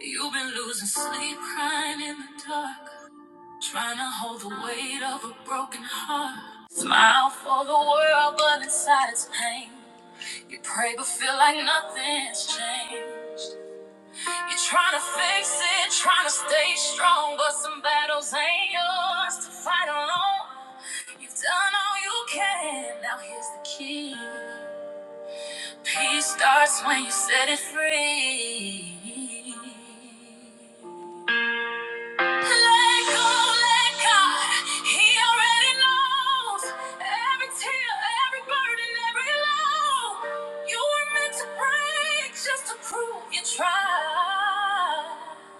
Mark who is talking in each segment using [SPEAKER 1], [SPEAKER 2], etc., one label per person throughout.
[SPEAKER 1] You've been losing sleep, crying in the dark, trying to hold the weight of a broken heart. Smile for the world, but inside it's pain. You pray, but feel like nothing's changed. You're trying to fix it, trying to stay strong, but some battles ain't yours to fight alone. You've done all you can, now here's the key. Peace starts when you set it free. Let go, let God. He already knows every tear, every burden, every low. You were meant to break just to prove you tried.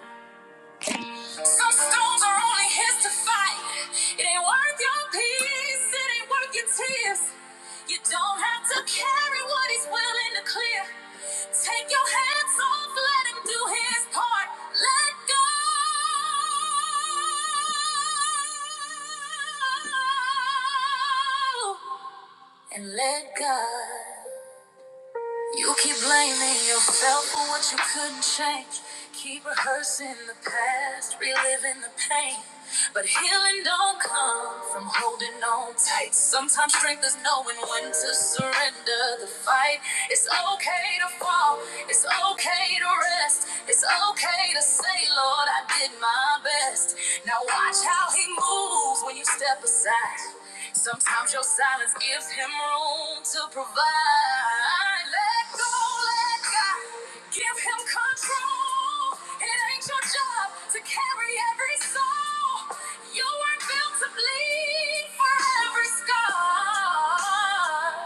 [SPEAKER 1] Some storms are only his to fight. It ain't worth your peace, it ain't worth your tears. You don't have to carry what he's willing to clear. Take your hands off, let him do his part. Let go. And let God. You keep blaming yourself for what you couldn't change. Keep rehearsing the past, reliving the pain. But healing don't come from holding on tight. Sometimes strength is knowing when to surrender the fight. It's okay to fall, it's okay to rest. It's okay to say, Lord, I did my best trust. Now watch how he moves when you step aside. Sometimes your silence gives him room to provide. Let go, let God give him control. It ain't your job to carry every soul. You weren't built to bleed for every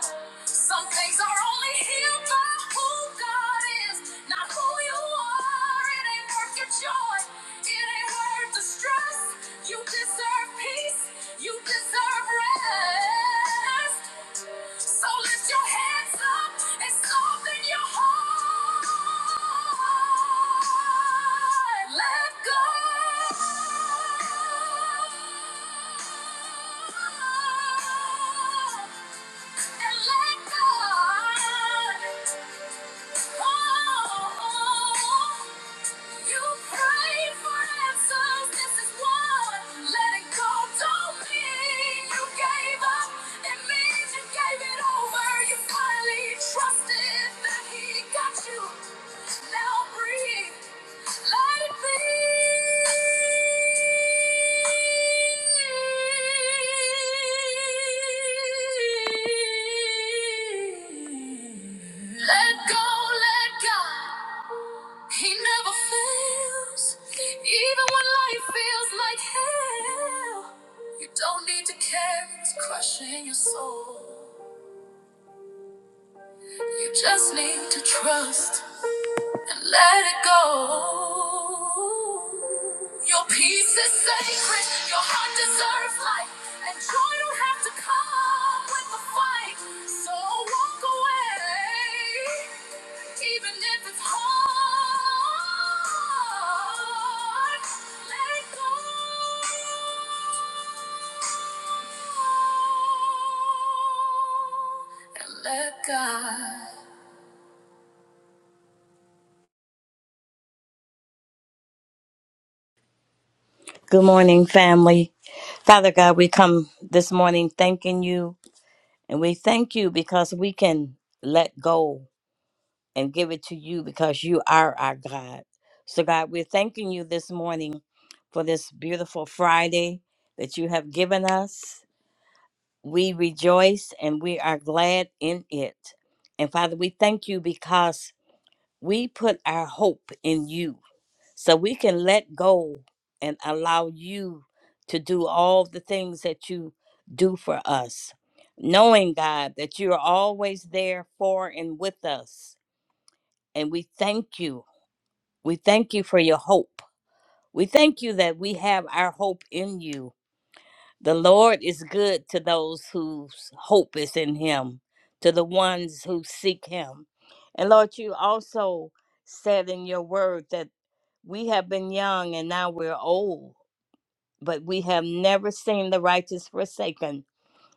[SPEAKER 1] scar. Some things are only healed by who God is, not who you are. It ain't worth your joy. It ain't worth the stress. You deserve peace. You deserve rest. So lift your hands up and soften your heart. Let go and let go. Oh, oh, oh. oh. You pray for answers. This is one. Letting go don't mean you gave up. It means you gave it over. You finally trusted that He got you. Now breathe. Let it be. Let go, let God. He never fails, even when life feels like hell. You don't need to care, it's crushing your soul. You just need to trust and let it go. Your peace is sacred, your heart deserves life, and joy don't have to come with the fight. So walk away. Even if it's hard, let go and let God.
[SPEAKER 2] Good morning, family. Father God, we come this morning thanking you, and we thank you because we can let go and give it to you because you are our God. So, God, we're thanking you this morning for this beautiful Friday that you have given us. We rejoice and we are glad in it. And Father, we thank you because we put our hope in you. So we can let go and allow you to do all the things that you do for us, knowing, God, that you are always there for and with us. And we thank you. We thank you for your hope. We thank you that we have our hope in you. The Lord is good to those whose hope is in him, to the ones who seek him. And Lord, you also said in your word that we have been young and now we're old but we have never seen the righteous forsaken,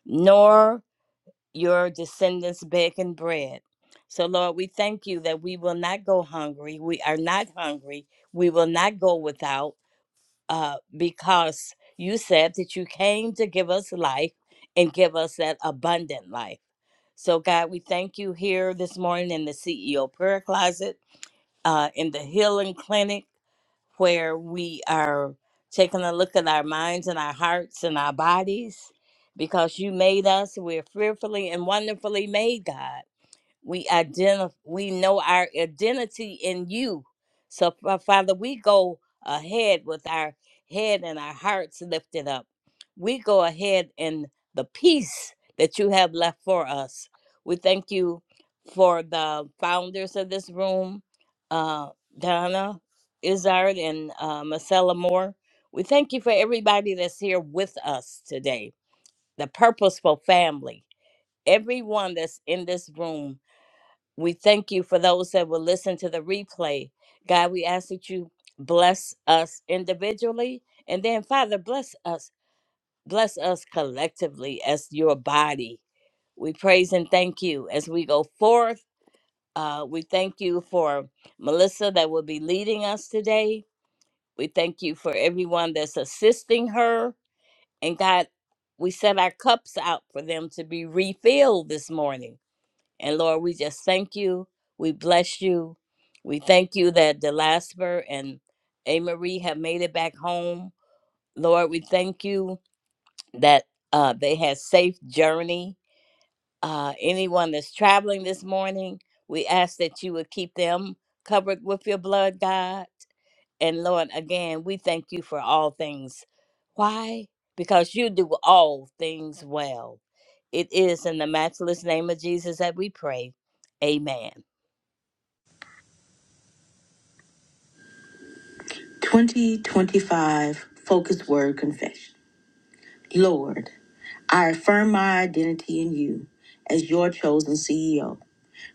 [SPEAKER 2] nor your descendants begging bread. So, Lord, we thank you that we will not go hungry. We are not hungry. We will not go without uh, because you said that you came to give us life and give us that abundant life. So, God, we thank you here this morning in the CEO prayer closet, uh, in the healing clinic where we are taking a look at our minds and our hearts and our bodies because you made us. We're fearfully and wonderfully made, God we identify we know our identity in you so Fa- father we go ahead with our head and our hearts lifted up we go ahead in the peace that you have left for us we thank you for the founders of this room uh, donna izzard and uh, marcella moore we thank you for everybody that's here with us today the purposeful family everyone that's in this room we thank you for those that will listen to the replay. God, we ask that you bless us individually. And then, Father, bless us. Bless us collectively as your body. We praise and thank you as we go forth. Uh, we thank you for Melissa that will be leading us today. We thank you for everyone that's assisting her. And God, we set our cups out for them to be refilled this morning. And Lord, we just thank you. We bless you. We thank you that Delasper and A. Marie have made it back home. Lord, we thank you that uh, they had safe journey. Uh, anyone that's traveling this morning, we ask that you would keep them covered with your blood, God. And Lord, again, we thank you for all things. Why? Because you do all things well. It is in the matchless name of Jesus that we pray. Amen.
[SPEAKER 3] 2025 Focus Word Confession. Lord, I affirm my identity in you as your chosen CEO,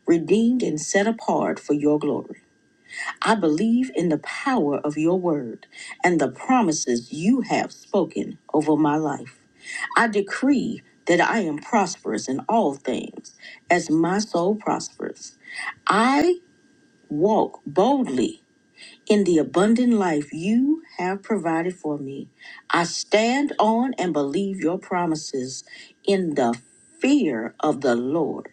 [SPEAKER 3] redeemed and set apart for your glory. I believe in the power of your word and the promises you have spoken over my life. I decree that I am prosperous in all things as my soul prospers. I walk boldly in the abundant life you have provided for me. I stand on and believe your promises in the fear of the Lord.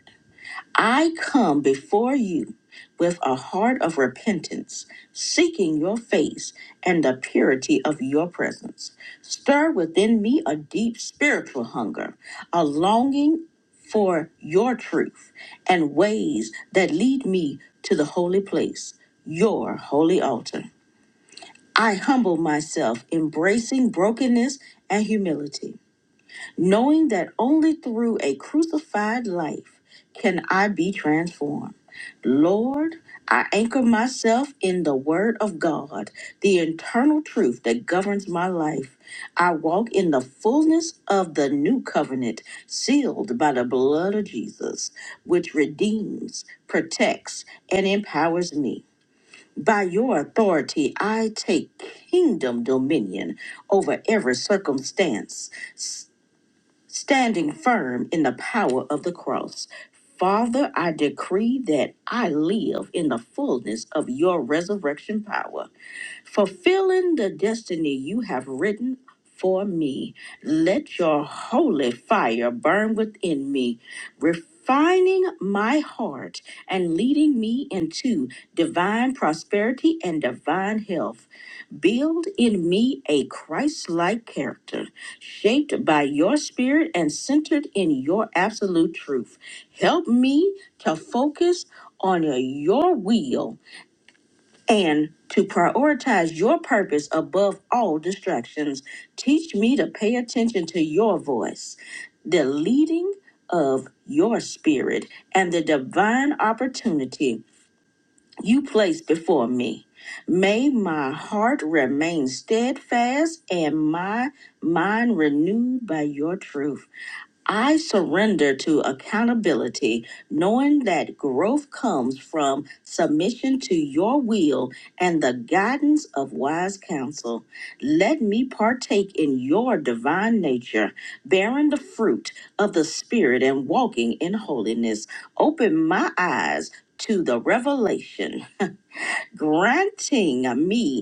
[SPEAKER 3] I come before you with a heart of repentance, seeking your face and the purity of your presence. Stir within me a deep spiritual hunger, a longing for your truth and ways that lead me to the holy place, your holy altar. I humble myself, embracing brokenness and humility, knowing that only through a crucified life can I be transformed. Lord, I anchor myself in the Word of God, the internal truth that governs my life. I walk in the fullness of the new covenant, sealed by the blood of Jesus, which redeems, protects, and empowers me. By your authority, I take kingdom dominion over every circumstance, s- standing firm in the power of the cross. Father, I decree that I live in the fullness of your resurrection power fulfilling the destiny you have written for me. Let your holy fire burn within me, refining my heart and leading me into divine prosperity and divine health. Build in me a Christ like character, shaped by your spirit and centered in your absolute truth. Help me to focus on your will and to prioritize your purpose above all distractions. Teach me to pay attention to your voice, the leading of your spirit, and the divine opportunity you place before me. May my heart remain steadfast and my mind renewed by your truth. I surrender to accountability, knowing that growth comes from submission to your will and the guidance of wise counsel. Let me partake in your divine nature, bearing the fruit of the Spirit and walking in holiness. Open my eyes to the revelation, granting me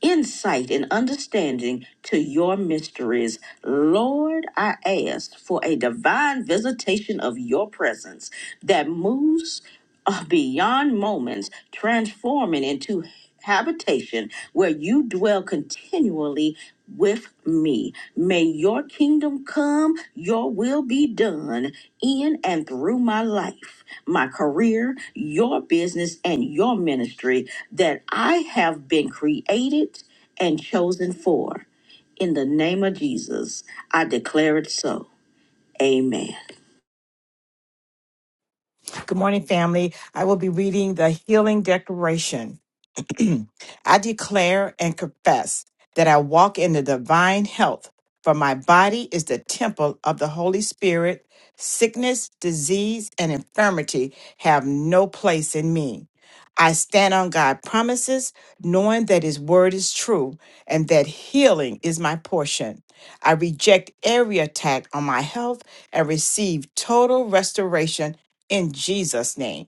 [SPEAKER 3] insight and understanding to your mysteries. Lord, I ask for a divine visitation of your presence that moves uh, beyond moments, transforming into habitation where you dwell continually with me. May your kingdom come, your will be done in and through my life, my career, your business, and your ministry that I have been created and chosen for. In the name of Jesus, I declare it so. Amen.
[SPEAKER 4] Good morning, family. I will be reading the Healing Declaration. I declare and confess that I walk in the divine health, for my body is the temple of the Holy Spirit. Sickness, disease, and infirmity have no place in me. I stand on God's promises, knowing that His word is true and that healing is my portion. I reject every attack on my health and receive total restoration in Jesus' name.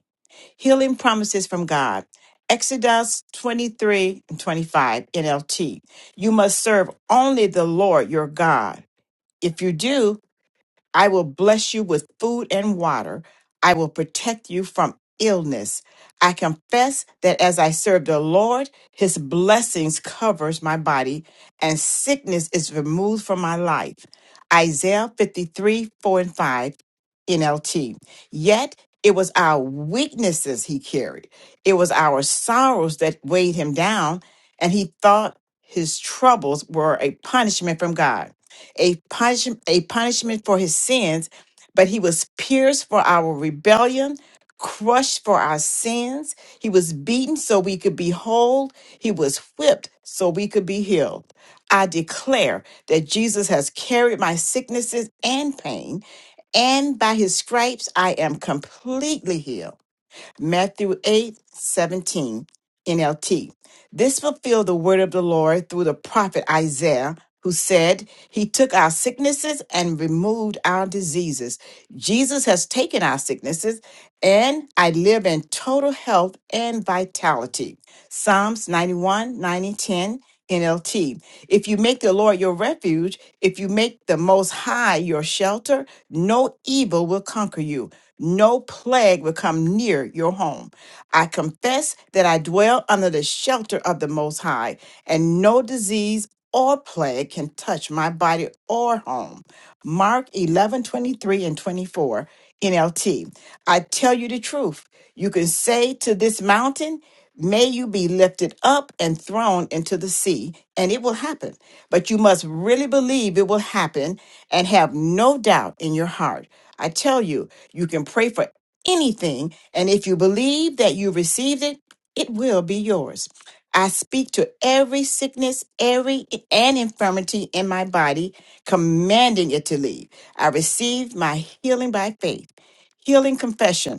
[SPEAKER 4] Healing promises from God. Exodus 23 and 25 NLT. You must serve only the Lord your God. If you do, I will bless you with food and water. I will protect you from illness. I confess that as I serve the Lord, his blessings covers my body and sickness is removed from my life. Isaiah 53, 4 and 5 NLT. Yet it was our weaknesses he carried. It was our sorrows that weighed him down and he thought his troubles were a punishment from God a, punish, a punishment for his sins, but he was pierced for our rebellion, crushed for our sins. He was beaten so we could be whole, he was whipped so we could be healed. I declare that Jesus has carried my sicknesses and pain, and by his stripes I am completely healed. Matthew 8 17 NLT. This fulfilled the word of the Lord through the prophet Isaiah, who said, He took our sicknesses and removed our diseases. Jesus has taken our sicknesses, and I live in total health and vitality. Psalms 91 9 and 10. NLT. If you make the Lord your refuge, if you make the Most High your shelter, no evil will conquer you no plague will come near your home. I confess that I dwell under the shelter of the Most High, and no disease or plague can touch my body or home. Mark 11 23 and 24, NLT. I tell you the truth. You can say to this mountain, May you be lifted up and thrown into the sea, and it will happen. But you must really believe it will happen and have no doubt in your heart. I tell you, you can pray for anything, and if you believe that you received it, it will be yours. I speak to every sickness, every and infirmity in my body, commanding it to leave. I received my healing by faith. Healing confession.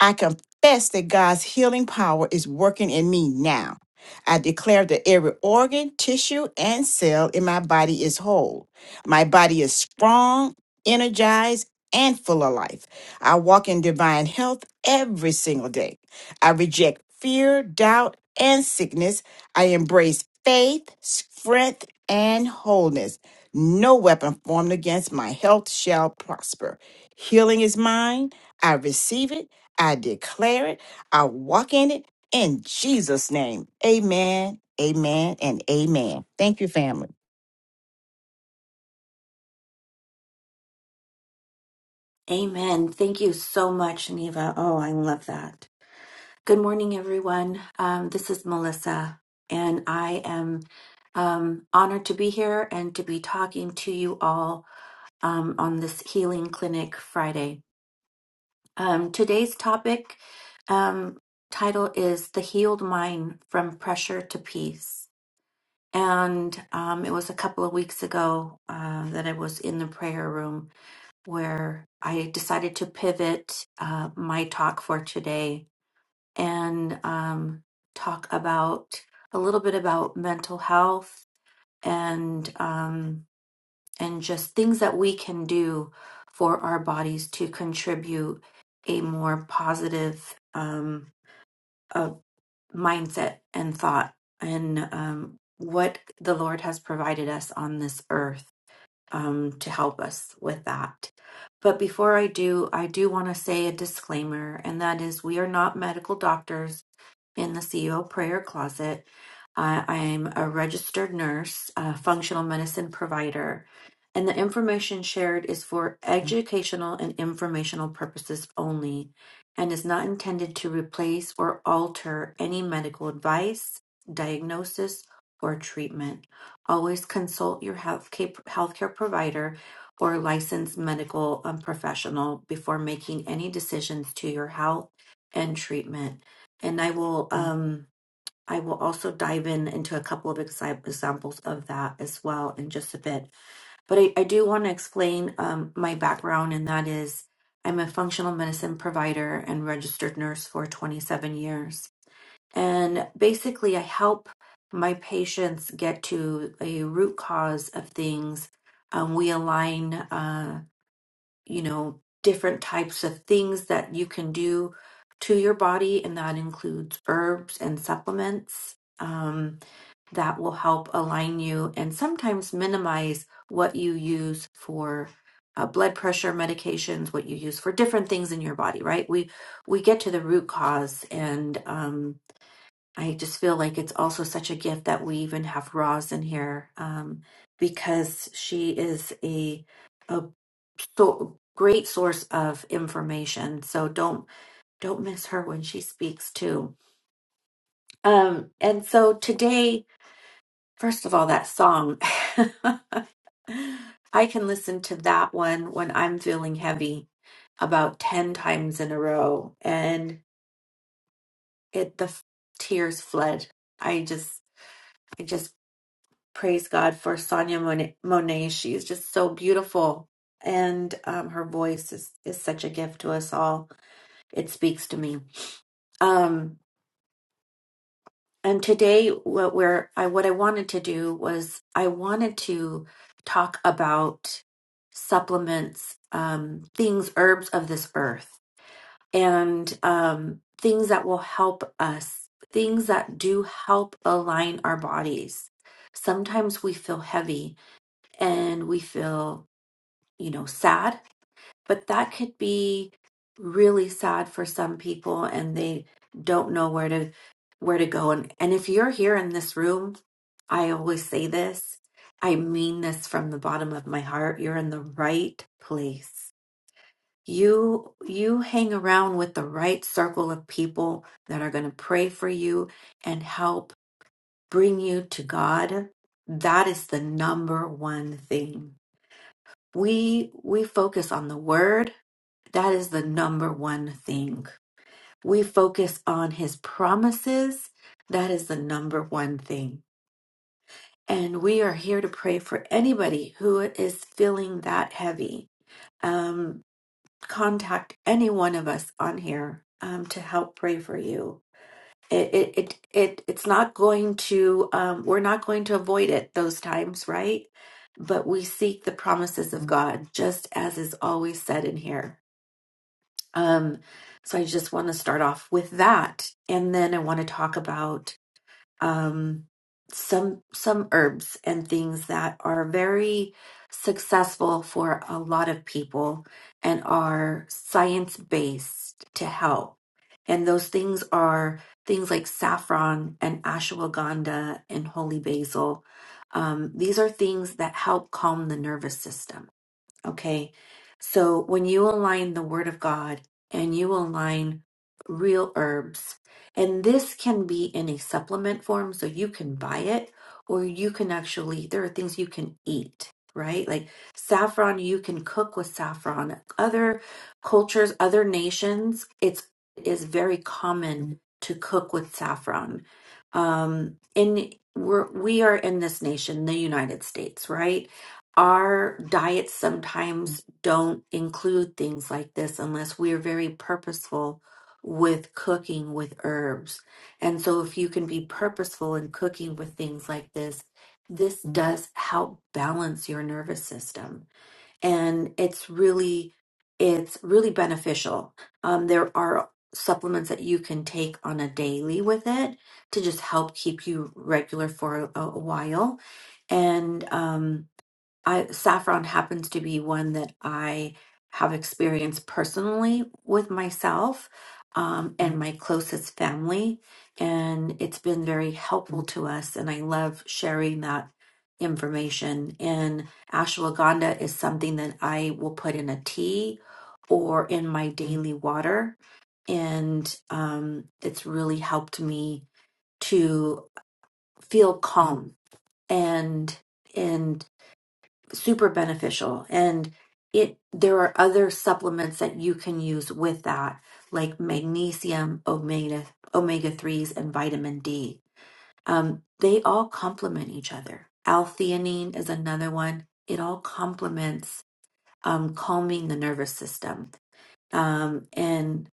[SPEAKER 4] I confess that God's healing power is working in me now. I declare that every organ, tissue, and cell in my body is whole. My body is strong, energized, and full of life. I walk in divine health every single day. I reject fear, doubt, and sickness. I embrace faith, strength, and wholeness. No weapon formed against my health shall prosper. Healing is mine. I receive it. I declare it. I walk in it in Jesus' name. Amen, amen, and amen. Thank you, family.
[SPEAKER 5] Amen. Thank you so much, Neva. Oh, I love that. Good morning, everyone. Um, this is Melissa, and I am um, honored to be here and to be talking to you all um, on this Healing Clinic Friday. Um, today's topic um, title is The Healed Mind from Pressure to Peace. And um, it was a couple of weeks ago uh, that I was in the prayer room where I decided to pivot uh, my talk for today and um, talk about a little bit about mental health and um, and just things that we can do for our bodies to contribute a more positive um, uh, mindset and thought and um, what the Lord has provided us on this earth um, to help us with that. But before I do, I do want to say a disclaimer, and that is we are not medical doctors in the CEO prayer closet. I, I'm a registered nurse, a functional medicine provider, and the information shared is for educational and informational purposes only and is not intended to replace or alter any medical advice, diagnosis, or treatment. Always consult your healthcare, healthcare provider or licensed medical um, professional before making any decisions to your health and treatment. And I will um I will also dive in into a couple of exi- examples of that as well in just a bit. But I, I do want to explain um, my background, and that is I'm a functional medicine provider and registered nurse for 27 years. And basically, I help my patients get to a root cause of things. Um, we align. uh, you know, different types of things that you can do to your body, and that includes herbs and supplements um, that will help align you and sometimes minimize what you use for uh, blood pressure medications, what you use for different things in your body. Right? We we get to the root cause, and um, I just feel like it's also such a gift that we even have Roz in here um, because she is a a so great source of information. So don't don't miss her when she speaks too. Um, and so today, first of all, that song I can listen to that one when I'm feeling heavy about ten times in a row, and it the f- tears fled. I just I just praise God for Sonia Mon- Monet. She is just so beautiful. And um, her voice is, is such a gift to us all. It speaks to me. Um, and today, what we're, I, what I wanted to do was I wanted to talk about supplements, um, things, herbs of this earth, and um, things that will help us, things that do help align our bodies. Sometimes we feel heavy and we feel you know, sad, but that could be really sad for some people and they don't know where to where to go and and if you're here in this room, I always say this. I mean this from the bottom of my heart. You're in the right place. You you hang around with the right circle of people that are going to pray for you and help bring you to God. That is the number one thing. We we focus on the word that is the number one thing. We focus on his promises. That is the number one thing. And we are here to pray for anybody who is feeling that heavy. Um, contact any one of us on here um, to help pray for you. It, it, it, it, it's not going to, um, we're not going to avoid it those times, right? But we seek the promises of God, just as is always said in here. Um, so I just want to start off with that, and then I want to talk about um, some some herbs and things that are very successful for a lot of people and are science based to help. And those things are things like saffron and ashwagandha and holy basil. Um, these are things that help calm the nervous system Okay. So when you align the Word of God and you align real herbs, and this can be in a supplement form, so you can buy it or you can actually, there are things you can eat, right? Like saffron, you can cook with saffron. Other cultures, other nations, it's it is very common to cook with saffron. Um, and we're we are in this nation, the United States, right? our diets sometimes don't include things like this unless we are very purposeful with cooking with herbs. And so, if you can be purposeful in cooking with things like this, this does help balance your nervous system. And it's really, it's really beneficial. Um, there are supplements that you can take on a daily with it to just help keep you regular for a, a while. And, um, I, saffron happens to be one that I have experienced personally with myself um, and my closest family. And it's been very helpful to us. And I love sharing that information. And ashwagandha is something that I will put in a tea or in my daily water. And um, it's really helped me to feel calm and super beneficial and it there are other supplements that you can use with that like magnesium omega omega 3s and vitamin d um, they all complement each other l-theanine is another one it all complements um, calming the nervous system um, and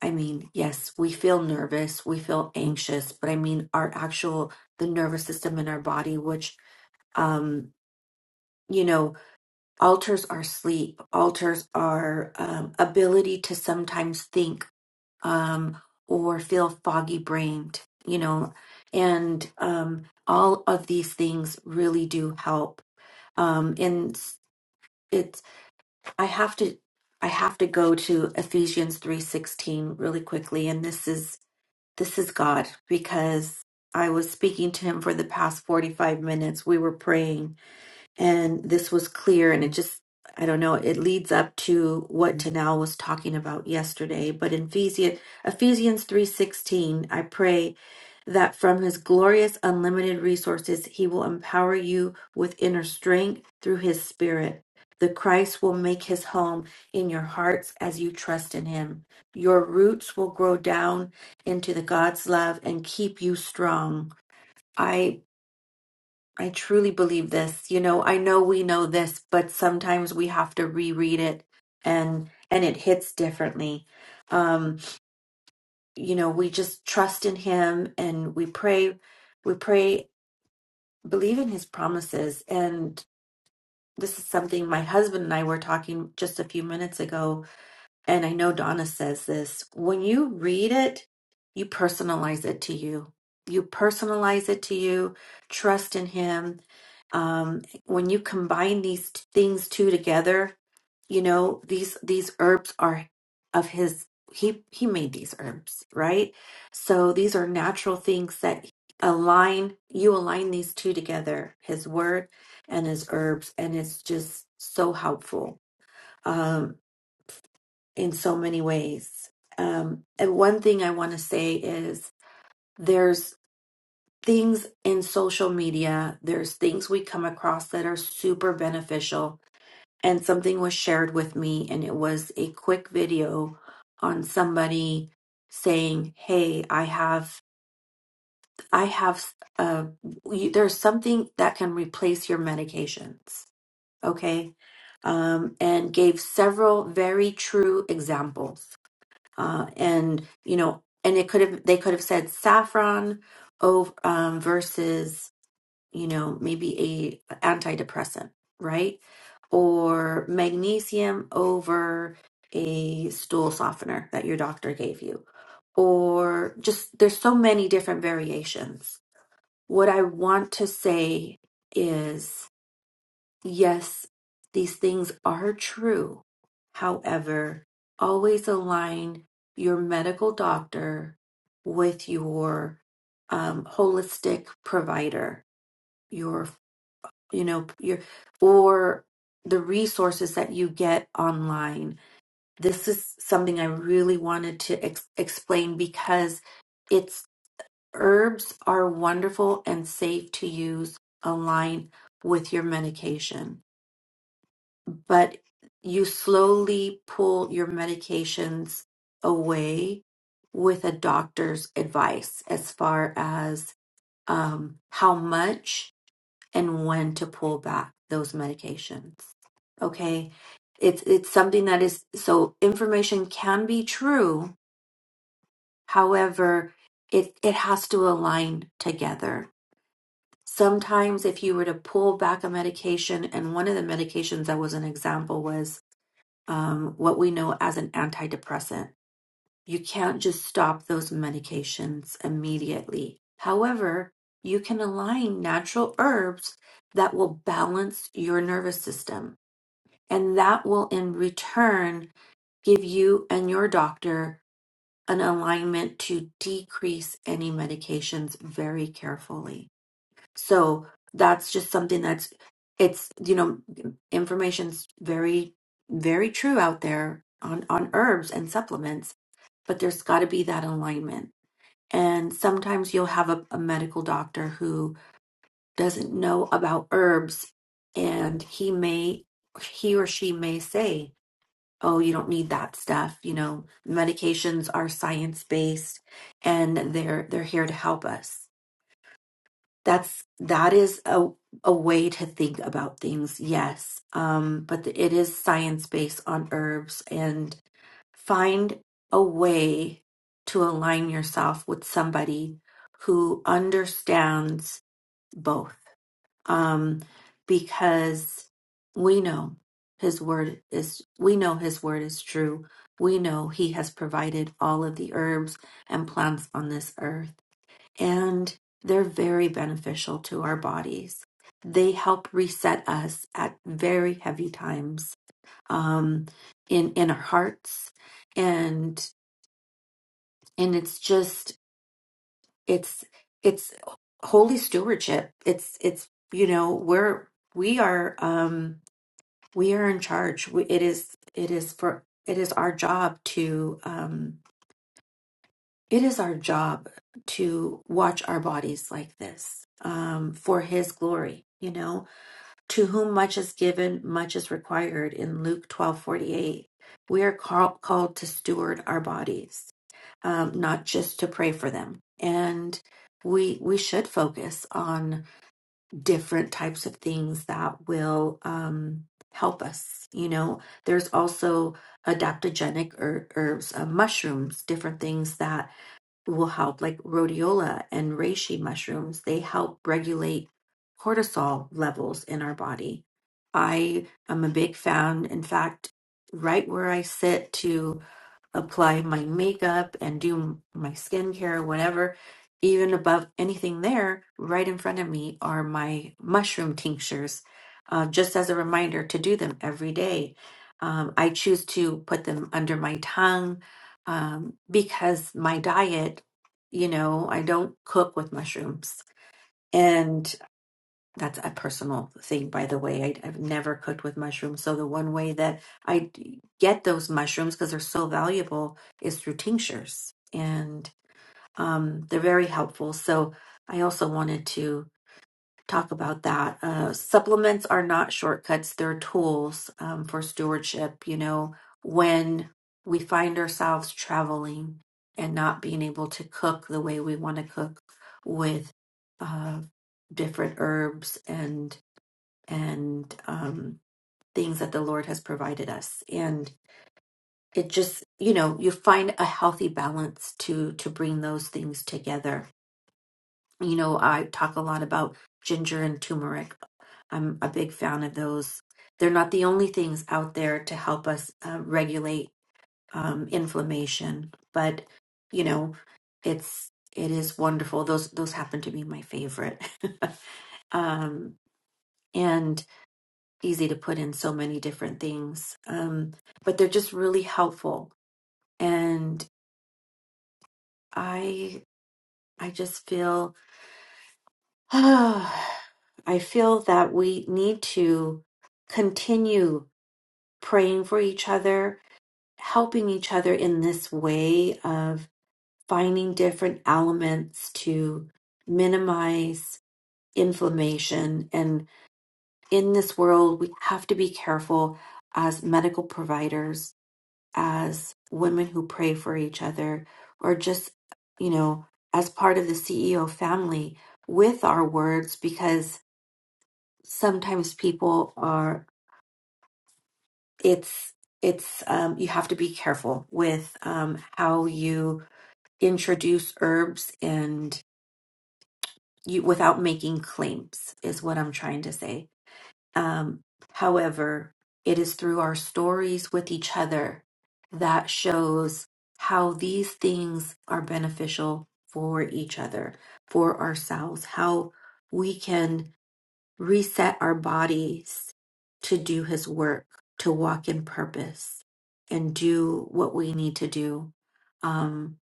[SPEAKER 5] i mean yes we feel nervous we feel anxious but i mean our actual the nervous system in our body which um, you know Alters are sleep. Alters are um, ability to sometimes think um, or feel foggy brained, you know, and um, all of these things really do help. Um, and s- it's I have to I have to go to Ephesians three sixteen really quickly, and this is this is God because I was speaking to Him for the past forty five minutes. We were praying and this was clear and it just i don't know it leads up to what tanal was talking about yesterday but in ephesians ephesians 3.16 i pray that from his glorious unlimited resources he will empower you with inner strength through his spirit the christ will make his home in your hearts as you trust in him your roots will grow down into the god's love and keep you strong I. I truly believe this. You know, I know we know this, but sometimes we have to reread it and and it hits differently. Um, you know, we just trust in him and we pray we pray believe in his promises and this is something my husband and I were talking just a few minutes ago and I know Donna says this when you read it, you personalize it to you. You personalize it to you, trust in Him. Um, when you combine these t- things two together, you know these these herbs are of His. He He made these herbs, right? So these are natural things that align. You align these two together, His Word and His herbs, and it's just so helpful Um, in so many ways. Um, and one thing I want to say is there's things in social media, there's things we come across that are super beneficial. And something was shared with me, and it was a quick video on somebody saying, "Hey, I have, I have, uh, you, there's something that can replace your medications." Okay, um, and gave several very true examples uh, and you know, and it could have they could have said saffron over, um, versus you know maybe a antidepressant, right? Or magnesium over a stool softener that your doctor gave you, or just there's so many different variations. What I want to say is Yes, these things are true. However, always align your medical doctor with your um, holistic provider, your, you know, your, or the resources that you get online. This is something I really wanted to ex- explain because it's herbs are wonderful and safe to use align with your medication. but you slowly pull your medications away with a doctor's advice as far as um, how much and when to pull back those medications. Okay, it's it's something that is so information can be true. However, it it has to align together. Sometimes, if you were to pull back a medication, and one of the medications that was an example was um, what we know as an antidepressant. You can't just stop those medications immediately. However, you can align natural herbs that will balance your nervous system. And that will, in return, give you and your doctor an alignment to decrease any medications very carefully. So that's just something that's it's you know information's very very true out there on on herbs and supplements, but there's got to be that alignment. And sometimes you'll have a, a medical doctor who doesn't know about herbs and he may he or she may say, "Oh, you don't need that stuff." You know, medications are science-based and they're they're here to help us that's that is a a way to think about things yes um but the, it is science based on herbs and find a way to align yourself with somebody who understands both um because we know his word is we know his word is true we know he has provided all of the herbs and plants on this earth and they're very beneficial to our bodies. They help reset us at very heavy times um, in in our hearts, and and it's just it's it's holy stewardship. It's it's you know we're we are um, we are in charge. We, it is it is for it is our job to. Um, it is our job to watch our bodies like this um, for his glory you know to whom much is given much is required in luke twelve forty eight. we are call- called to steward our bodies um, not just to pray for them and we we should focus on different types of things that will um, help us you know there's also adaptogenic er- herbs uh, mushrooms different things that will help, like rhodiola and reishi mushrooms. They help regulate cortisol levels in our body. I am a big fan, in fact, right where I sit, to apply my makeup and do my skincare, whatever, even above anything there, right in front of me are my mushroom tinctures, uh, just as a reminder to do them every day. Um, I choose to put them under my tongue um, because my diet, you know, I don't cook with mushrooms. That's a personal thing, by the way. I, I've never cooked with mushrooms. So the one way that I d- get those mushrooms, because they're so valuable, is through tinctures. And um, they're very helpful. So I also wanted to talk about that. Uh, supplements are not shortcuts, they're tools um, for stewardship. You know, when we find ourselves traveling and not being able to cook the way we want to cook with uh, different herbs and and um, things that the Lord has provided us. And it just, you know, you find a healthy balance to to bring those things together. You know, I talk a lot about ginger and turmeric. I'm a big fan of those. They're not the only things out there to help us uh, regulate um, inflammation, but you know, it's it is wonderful. Those those happen to be my favorite. um, and easy to put in so many different things um, but they're just really helpful and i i just feel i feel that we need to continue praying for each other helping each other in this way of finding different elements to minimize inflammation and in this world we have to be careful as medical providers as women who pray for each other or just, you know, as part of the CEO family with our words because sometimes people are, it's, it's, um, you have to be careful with um, how you introduce herbs and you without making claims, is what I'm trying to say Um, however, it is through our stories with each other that shows how these things are beneficial for each other, for ourselves, how we can reset our bodies to do His work, to walk in purpose, and do what we need to do um,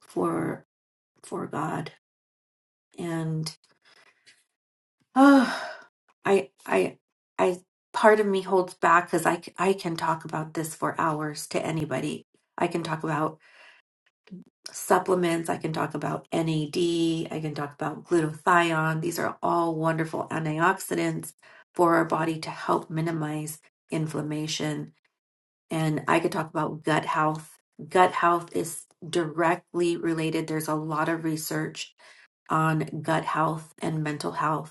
[SPEAKER 5] for for God. Oh, I, I, I, part of me holds back because I, c- I can talk about this for hours to anybody. I can talk about supplements. I can talk about NAD. I can talk about glutathione. These are all wonderful antioxidants for our body to help minimize inflammation. And I could talk about gut health. Gut health is directly related. There's a lot of research on gut health and mental health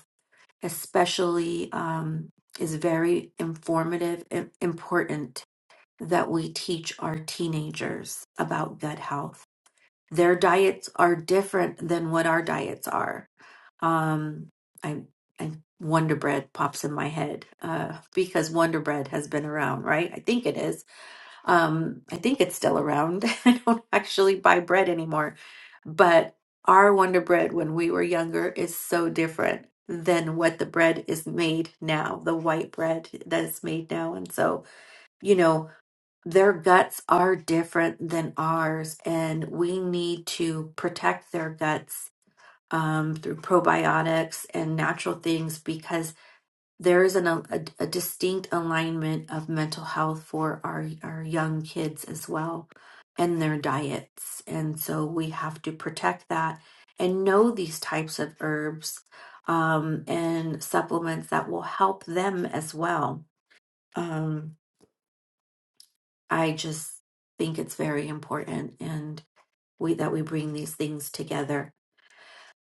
[SPEAKER 5] especially um, is very informative and important that we teach our teenagers about gut health. Their diets are different than what our diets are. Um, I, I Wonder Bread pops in my head uh, because Wonder Bread has been around, right? I think it is um, I think it's still around. I don't actually buy bread anymore. But our Wonder Bread when we were younger is so different than what the bread is made now, the white bread that is made now. And so, you know, their guts are different than ours, and we need to protect their guts um, through probiotics and natural things because there is an, a, a distinct alignment of mental health for our, our young kids as well and their diets. And so we have to protect that and know these types of herbs um, and supplements that will help them as well. Um, I just think it's very important and we that we bring these things together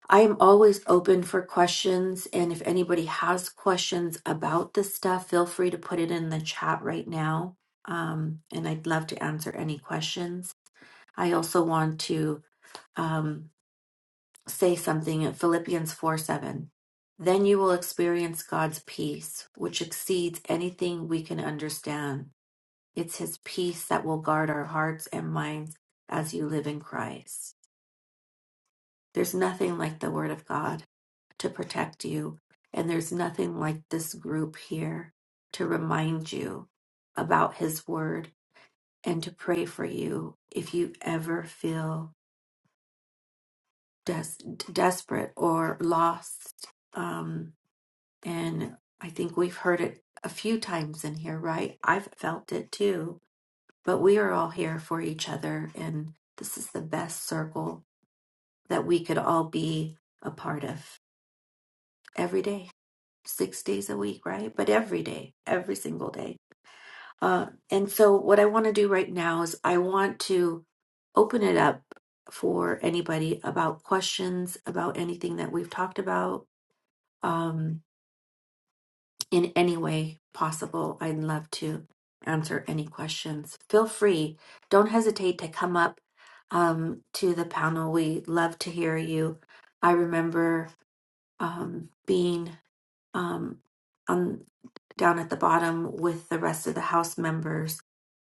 [SPEAKER 5] I'm always open for questions, and if anybody has questions about this stuff, feel free to put it in the chat right now. Um, and I'd love to answer any questions. I also want to um, say something in Philippians 4 7. Then you will experience God's peace, which exceeds anything we can understand. It's His peace that will guard our hearts and minds as you live in Christ. There's nothing like the Word of God to protect you. And there's nothing like this group here to remind you about His Word and to pray for you if you ever feel des- desperate or lost. Um, and I think we've heard it a few times in here, right? I've felt it too. But we are all here for each other. And this is the best circle that we could all be a part of every day. six days a week, right? But every day, every single day. Uh, and so, what I want to do right now is I want to open it up for anybody about questions about anything that we've talked about um, in any way possible. I'd love to answer any questions. Feel free, don't hesitate to come up um, to the panel. We love to hear you. I remember um, being um, on down at the bottom with the rest of the house members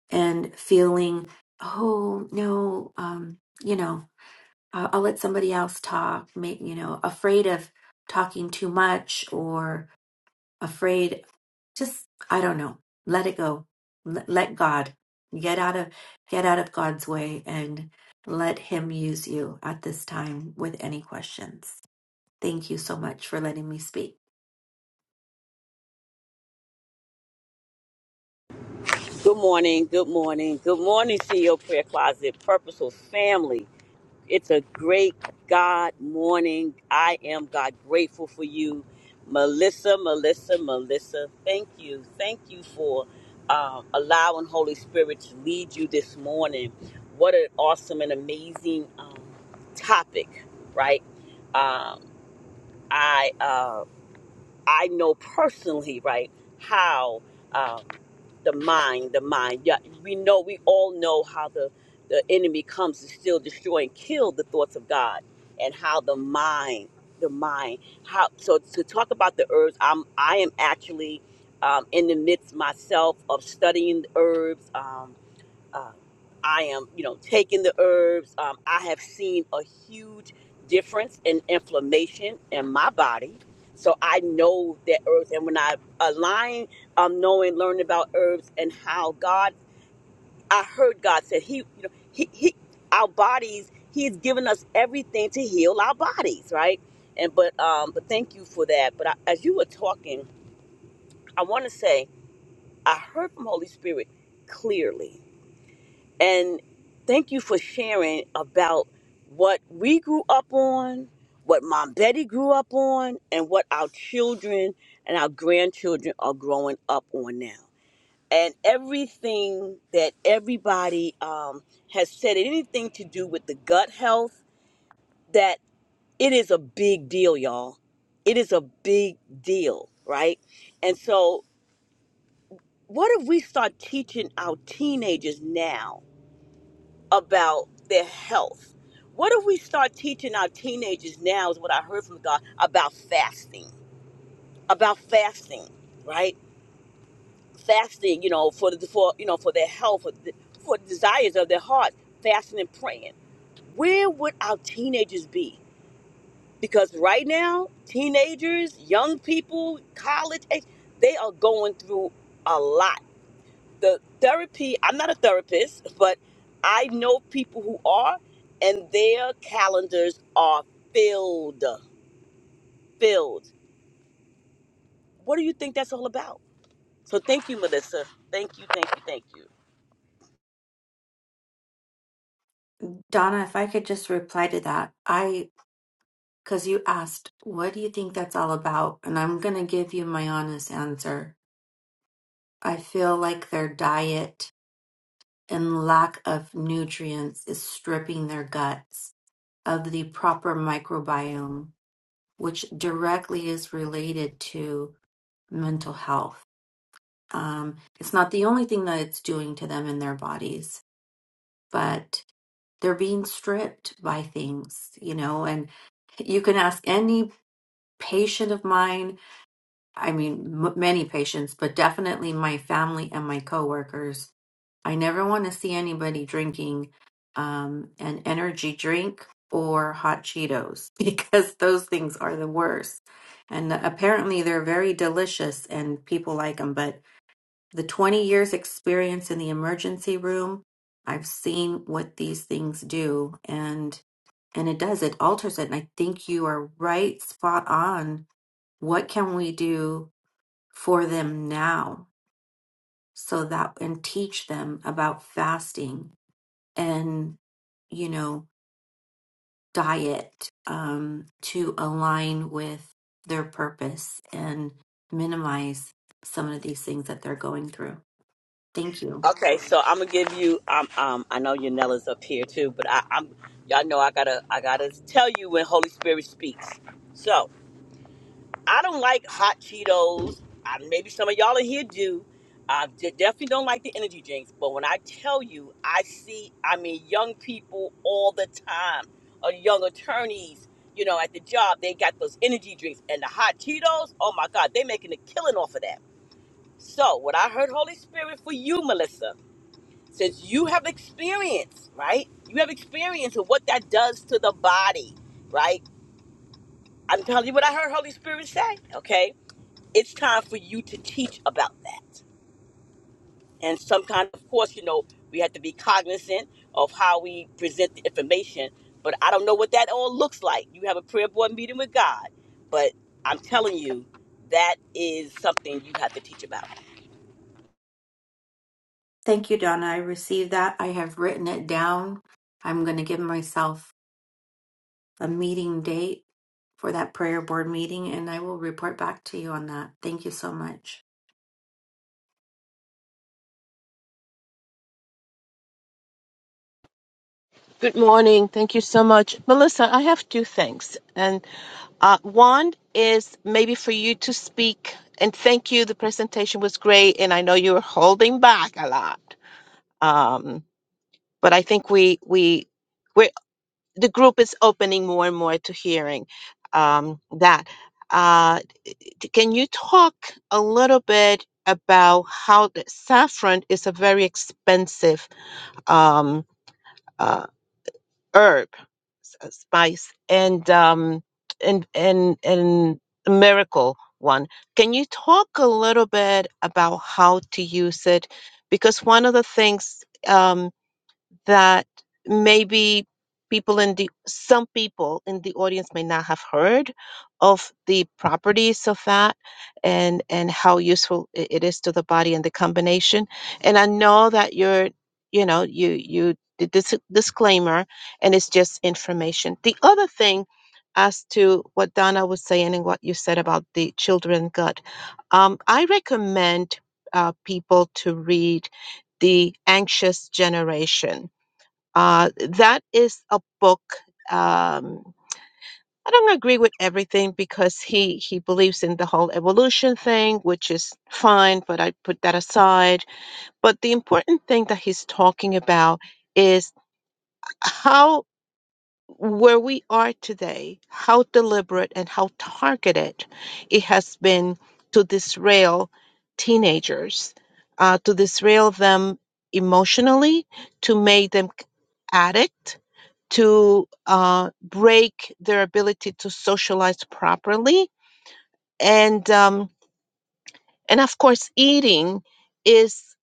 [SPEAKER 5] and feeling, oh no, um, you know, I'll, I'll let somebody else talk. Make you know, afraid of talking too much or afraid, just I don't know. Let it go. Let, let God get out of get out of God's way and let Him use you at this time with any questions. Thank you so much for letting me speak.
[SPEAKER 6] Good morning, good morning, good morning, CEO Prayer Closet, Purposeful Family. It's a great God morning. I am God grateful for you, Melissa, Melissa, Melissa. Thank you, thank you for um, allowing Holy Spirit to lead you this morning. What an awesome and amazing um, topic, right? Um, I uh, I know personally, right, how um, the mind, the mind. Yeah, we know, we all know how the the enemy comes to steal, destroy, and kill the thoughts of God, and how the mind, the mind. How so? To talk about the herbs, I'm I am actually um, in the midst myself of studying the herbs. Um, uh, I am, you know, taking the herbs. Um, I have seen a huge difference in inflammation in my body. So I know that herbs, and when I align, um, knowing, learning about herbs and how God, I heard God said He, you know, He, He, our bodies, He's given us everything to heal our bodies, right? And but, um, but thank you for that. But I, as you were talking, I want to say I heard from Holy Spirit clearly and thank you for sharing about what we grew up on, what Mom Betty grew up on, and what our children and our grandchildren are growing up on now. And everything that everybody um, has said, anything to do with the gut health, that it is a big deal, y'all. It is a big deal, right? And so, what if we start teaching our teenagers now? about their health. What if we start teaching our teenagers now, is what I heard from God, about fasting, about fasting, right? Fasting, you know, for the, for you know for their health, for the, for the desires of their heart, fasting and praying. Where would our teenagers be? Because right now, teenagers, young people, college age, they are going through a lot the therapy i'm not a therapist but i know people who are and their calendars are filled filled what do you think that's all about so thank you melissa thank you thank you thank you
[SPEAKER 5] Donna, if I could just reply to that, I, because you asked, what do you think that's all about? And I'm going to give you my honest answer. I feel like their diet and lack of nutrients is stripping their guts of the proper microbiome, which directly is related to mental health. Um, it's not the only thing that it's doing to them in their bodies, but they're being stripped by things, you know, and you can ask any. patient of mine. I mean, m- many patients, but definitely my family and my coworkers. I never want to see anybody drinking um, an energy drink or hot Cheetos because those things are the worst. And apparently, they're very delicious and people like them. But the 20 years experience in the emergency room, I've seen what these things do, and and it does. It alters it. And I think you are right, spot on what can we do for them now so that and teach them about fasting and, you know, diet um, to align with their purpose and minimize some of these things that they're going through? Thank you.
[SPEAKER 6] okay so i'm gonna give you um, um i know your nella's up here too but i i'm y'all know i gotta i gotta tell you when holy spirit speaks so I don't like hot Cheetos. I, maybe some of y'all in here do. I de- definitely don't like the energy drinks. But when I tell you, I see, I mean, young people all the time, or young attorneys, you know, at the job, they got those energy drinks and the hot Cheetos. Oh my God, they making a killing off of that. So, what I heard, Holy Spirit, for you, Melissa, since you have experience, right? You have experience of what that does to the body, right? I'm telling you what I heard Holy Spirit say, okay? it's time for you to teach about that. And some kind, of course, you know, we have to be cognizant of how we present the information. But I don't know what that all looks like. You have a prayer board meeting with God, but I'm telling you, that is something you have to teach about.
[SPEAKER 5] Thank you, Donna. I received that. I have written it down. I'm going to give myself a meeting date for that prayer board meeting and I will report back to you on that. Thank you so much.
[SPEAKER 7] Good morning. Thank you so much. Melissa, I have two things. And uh, one is maybe for you to speak and thank you. The presentation was great. And I know you were holding back a lot. Um, but I think we, we, we the group is opening more and more to hearing um, that. Uh, d- can you talk a little bit about how the saffron is a very expensive? Um, uh, herb, s- uh, spice, and um, and and and the miracle one. Can you talk a little bit about how to use it? Because one of the things. um, that maybe people in the some people in the audience may not have heard of the properties of that and and how useful i- it is to the body and the combination and i know that you're you know you you did this disclaimer and it's just information the other thing as to what donna was saying and what you said about the children gut um, i recommend uh, people to read the anxious generation uh, that is a book. Um, I don't agree with everything because he he believes in the whole evolution thing, which is fine, but I put that aside. But the important thing that he's talking about is how where we are today, how deliberate and how targeted it has been to disrail teenagers, uh, to disrail them emotionally, to make them addict to uh, break their ability to socialize properly and um, and of course eating is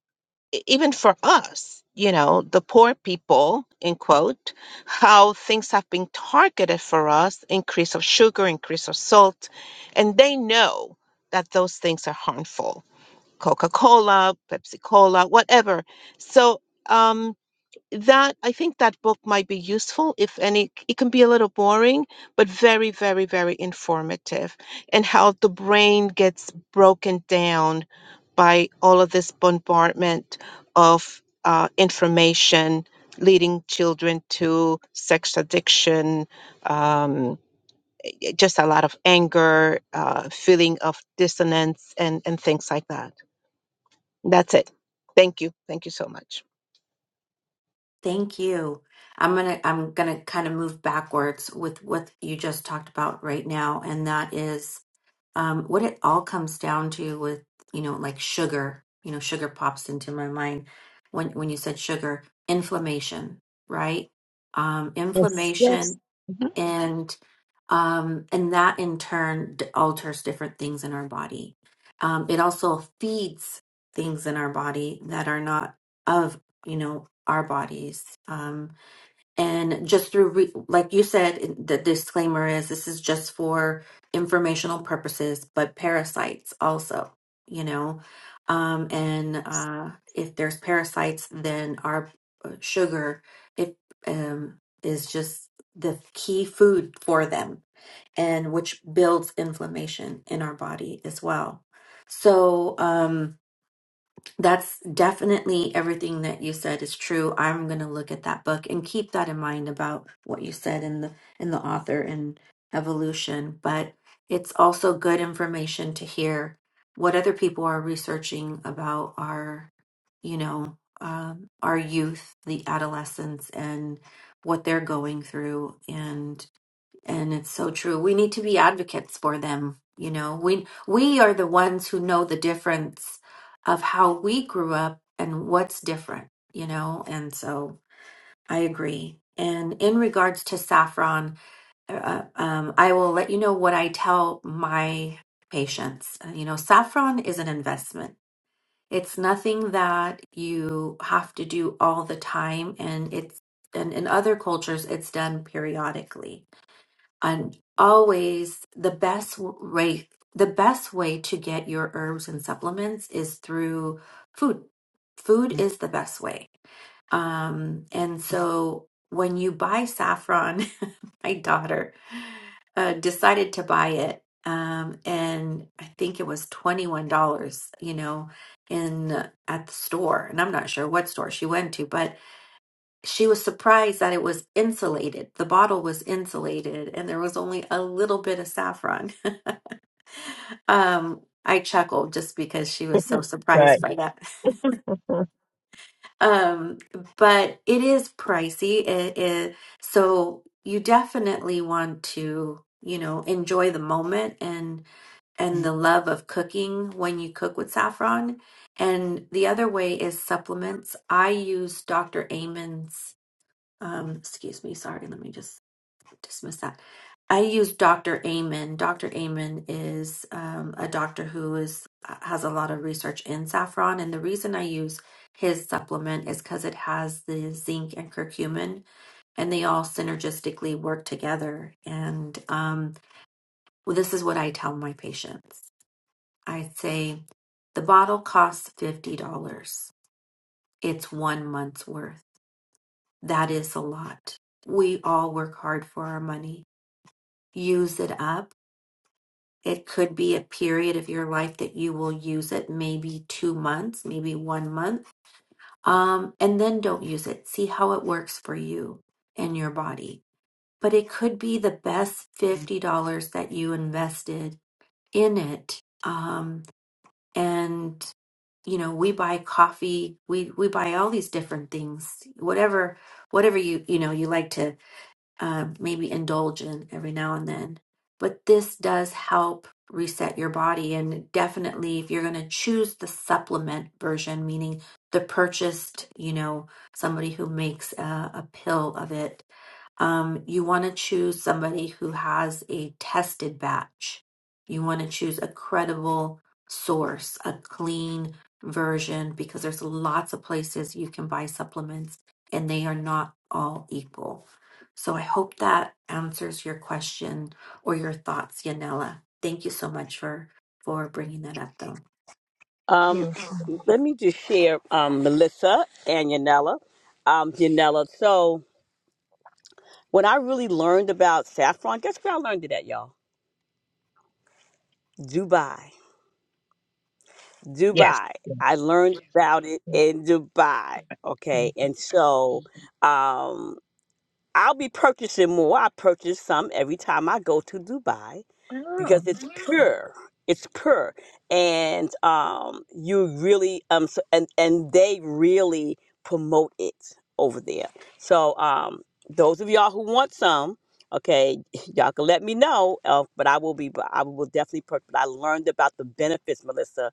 [SPEAKER 7] e- even for us you know the poor people in quote how things have been targeted for us increase of sugar increase of salt and they know that those things are harmful coca-cola pepsi cola whatever so um, that I think that book might be useful if any it can be a little boring but very very very informative and how the brain gets broken down by all of this bombardment of uh, information leading children to sex addiction um, y- just a lot of anger uh, feeling of dissonance and and things like that that's it thank you thank you so much
[SPEAKER 5] Thank you. I'm gonna I'm gonna kind of move backwards with what you just talked about right now, and that is um, what it all comes down to with you know like sugar. You know, sugar pops into my mind when when you said sugar, inflammation, right? Um,
[SPEAKER 7] Yes,
[SPEAKER 5] inflammation
[SPEAKER 7] yes. Thank
[SPEAKER 5] and um, and that in turn d- alters different things in our body. Um, it also feeds things in our body that are not of you know our bodies. Um, and just through, re- like you said, in- the disclaimer is this is just for informational purposes, but parasites also, you know. Um, and uh, if there's parasites, then our uh, sugar it, um, is just the key food for them, and which builds inflammation in our body as well. So, um, that's definitely everything that you said is true. I'm going to look at that book and keep that in mind about what you said in the in the author and evolution, but it's also good information to hear what other people are researching about our, you know, um, our youth, the adolescents, and what they're going through. And it's so true. We need to be advocates for them. You know, we we are the ones who know the difference of how we grew up and what's different, you know? And so I agree. And in regards to saffron, uh, uh, um, I will let you know what I tell my patients. Uh, you know, saffron is an investment. It's nothing that you have to do all the time, and it's and in other cultures, it's done periodically and always the best way the best way to get your herbs and supplements is through food food is the best way um and so when you buy saffron my daughter uh, decided to buy it um and i think it was $21 you know in at the store and i'm not sure what store she went to but she was surprised that it was insulated. The bottle was insulated and there was only a little bit of saffron. Um, I chuckled just because she was so surprised by that. Um, but it is pricey. It is so you definitely want to, you know, enjoy the moment and and the love of cooking when you cook with saffron. And the other way is supplements. I use Dr. Amen's um, excuse me, sorry, let me just dismiss that. I use Dr. Amen. Dr. Amen is um, a doctor who is uh, has a lot of research in saffron, and the reason I use his supplement is because it has the zinc and curcumin, and they all synergistically work together. And um, well, this is what I tell my patients. I say the bottle costs fifty dollars. It's one month's worth. That is a lot. We all work hard for our money. Use it up It could be a period of your life that you will use it, maybe two months, maybe one month, um, and then don't use it. See how it works for you and your body. But it could be the best $50 that you invested in it. Um, and, you know, we buy coffee, we, we buy all these different things, whatever, whatever you, you know, you like to um, maybe indulge in every now and then. But this does help reset your body. And definitely, if you're going to choose the supplement version, meaning the purchased, you know, somebody who makes a, a pill of it, um, you want to choose somebody who has a tested batch. You want to choose a credible source, a clean version, because there's lots of places you can buy supplements and they are not all equal. So I hope that answers your question or your thoughts, Yanela. Thank you so much for for bringing that up, though.
[SPEAKER 6] Um,
[SPEAKER 7] you.
[SPEAKER 6] let me just share, um, Melissa and Yanela. Um, Yanela. So when I really learned about saffron, guess where I learned it at, y'all? Dubai.
[SPEAKER 7] Yeah.
[SPEAKER 6] Dubai. I learned about it in Dubai. Okay. And so um I'll be purchasing more. I purchase some every time I go to Dubai because it's Mhm. pure. It's pure, and um, you really um, so, and and they really promote it over there. So um, those of y'all who want some, okay, y'all can let me know. Uh, but I will be, I will definitely. per- But I learned about the benefits, Melissa,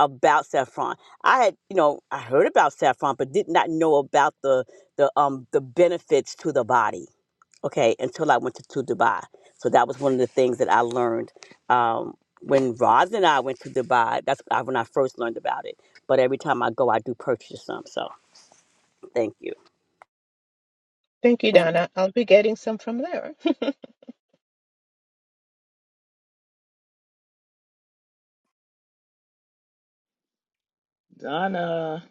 [SPEAKER 6] about saffron. I had, you know, I heard about saffron, but did not know about the the um the benefits to the body okay until i went to, to dubai so that was one of the things that i learned um, when roz and i went to dubai that's I- when i first learned about it but every time i go i do purchase some so thank you
[SPEAKER 7] Thank you,
[SPEAKER 5] Thank
[SPEAKER 7] Donna. I'll be getting some from there.
[SPEAKER 8] Donna,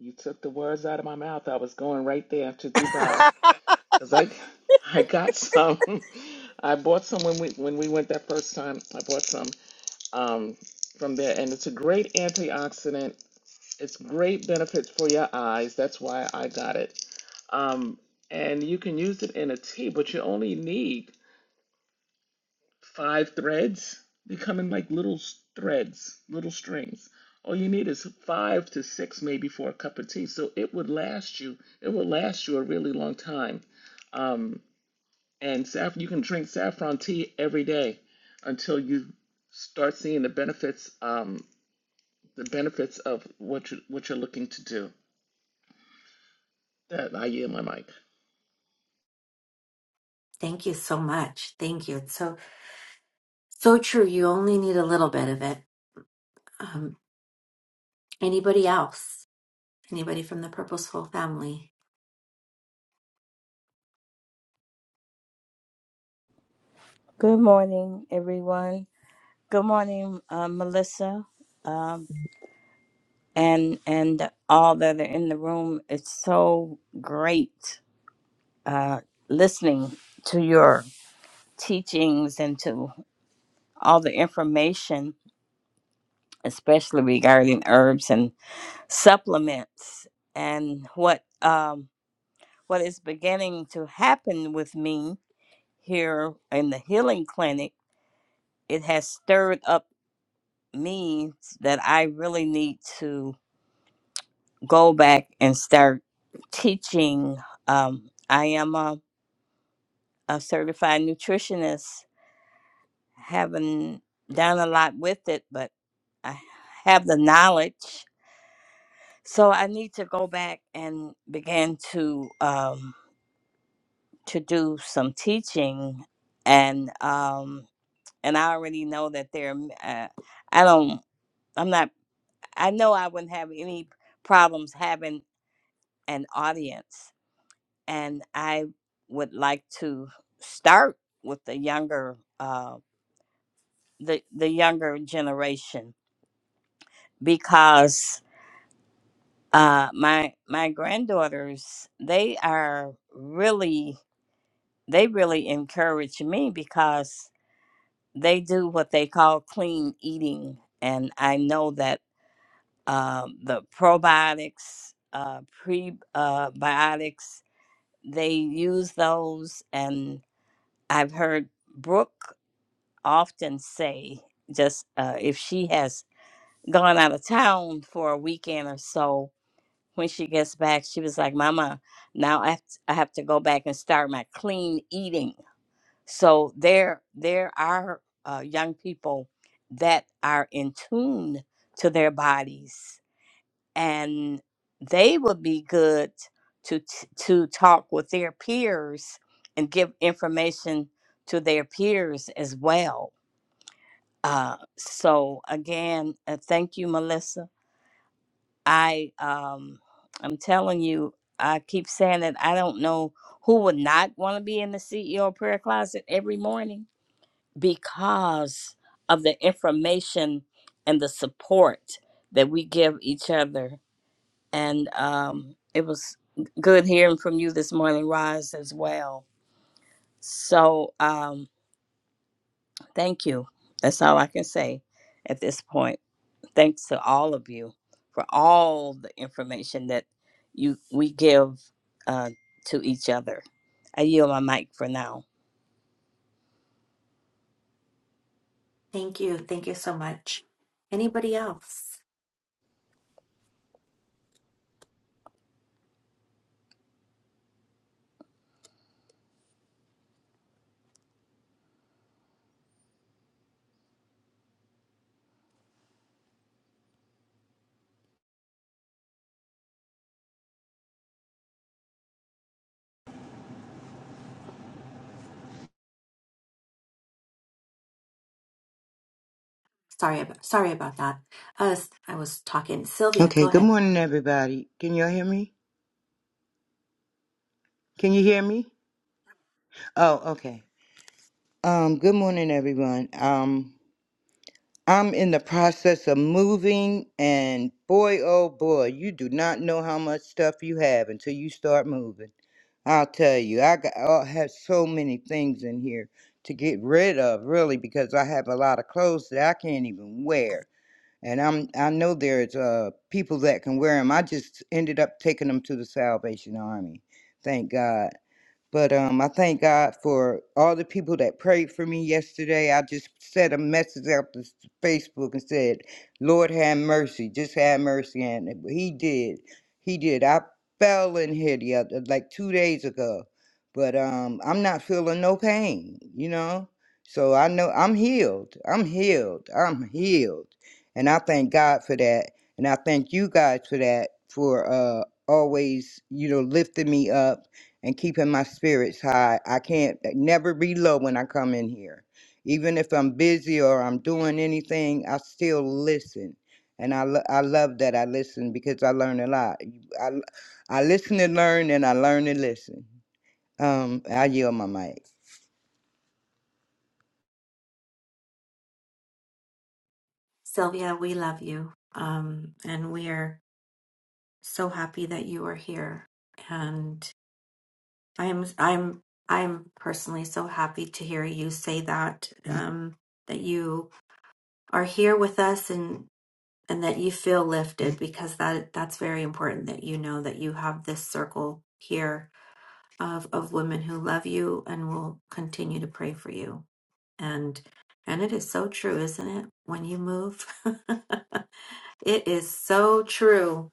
[SPEAKER 8] you took the words out of my mouth. I was going right there to Dubai because I, I got some. I bought some when we when we went that first time. I bought some um, from there, and it's a great antioxidant. It's great benefits for your eyes. That's why I got it. Um, and you can use it in a tea, but you only need five threads. They come in like little threads, little strings. All you need is five to six, maybe, for a cup of tea. So it would last you. It would last you a really long time. Um, and saff- you can drink saffron tea every day until you start seeing the benefits. Um, the benefits of what you what you're looking to do. That I yield my mic.
[SPEAKER 5] thank you so much. Thank you. It's so so true. You only need a little bit of it. Um, anybody else? Anybody from the Purposeful Family?
[SPEAKER 2] Good morning, everyone. Good morning, uh, Melissa, um, and and all that are in the room. It's so great uh, listening to your teachings and to all the information, especially regarding herbs and supplements, and what um, what is beginning to happen with me here in the healing clinic. It has stirred up me that I really need to go back and start teaching. Um, I am a, a certified nutritionist, haven't done a lot with it, but I have the knowledge. So I need to go back and begin to um, to do some teaching, and um, and I already know that there. Uh, I don't. I'm not. I know I wouldn't have any problems having an audience and I would like to start with the younger uh, the the younger generation because uh, my my granddaughters they are really they really encourage me because they do what they call clean eating, and I know that uh, the probiotics uh, prebiotics uh, they use those, and I've heard Brooke. often say just uh, if she has gone out of town for a weekend or so when she gets back she was like mama now i have to, I have to go back and start my clean eating so there there are uh, young people that are in tune to their bodies and they would be good to t- to talk with their peers and give information to their peers as well uh, so again, uh, thank you, Melissa. I um, I'm telling you, I keep saying that I don't know who would not want to be in the CEO prayer closet every morning because of the information and the support that we give each other. And um, it was good hearing from you this morning, Roz, as well. So um, thank you. That's all I can say at this point. thanks to all of you for all the information that you we give uh, to each other. I yield my mic for now.
[SPEAKER 5] Thank you. Thank you so much. Anybody else? Sorry about sorry about that. Uh, I was talking. Sylvia,
[SPEAKER 9] Okay,
[SPEAKER 5] go
[SPEAKER 9] good
[SPEAKER 5] ahead.
[SPEAKER 9] morning, everybody. Can you all hear me? Can you hear me? Oh, okay. Um, good morning, everyone. Um, I'm in the process of moving, and boy, oh boy, you do not know how much stuff you have until you start moving. I'll tell you, I got I have so many things in here to get rid of, really, because I have a lot of clothes that I can't even wear. And I'm I know there's uh people that can wear them. I just ended up taking them to the Salvation Army. Thank God. But um, I thank God for all the people that prayed for me yesterday. I just sent a message out to s- Facebook and said, Lord, have mercy. Just have mercy. And it- he did. He did. I fell in here the other, like two days ago. But um, I'm not feeling no pain, you know? So I know I'm healed. I'm healed. I'm healed. And I thank God for that. And I thank you guys for that, for uh, always, you know, lifting me up and keeping my spirits high. I can't eh, never be low when I come in here. Even if I'm busy or I'm doing anything, I still listen. And I, lo- I love that I listen because I learn a lot. I, I listen and learn, and I learn and listen. Um, I yield my mic.
[SPEAKER 5] Sylvia, we love you. Um, and we are so happy that you are here. And I'm I'm I'm personally so happy to hear you say that um, that you are here with us and and that you feel lifted because that that's very important that you know that you have this circle here of of women who love you and will continue to pray for you and and it is so true isn't it when you move it is so true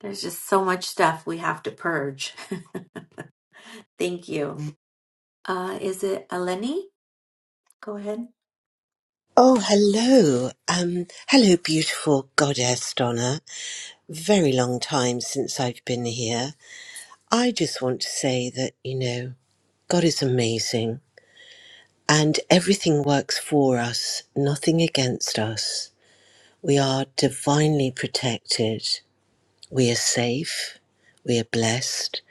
[SPEAKER 5] there's just so much stuff we have to purge thank you uh is it eleni go ahead
[SPEAKER 10] Oh, hello. Um, hello, beautiful goddess Donna. Very long time since I've been here. I just want to say that, you know, God is amazing and everything works for us, nothing against us. We are divinely protected. We are safe. We are blessed.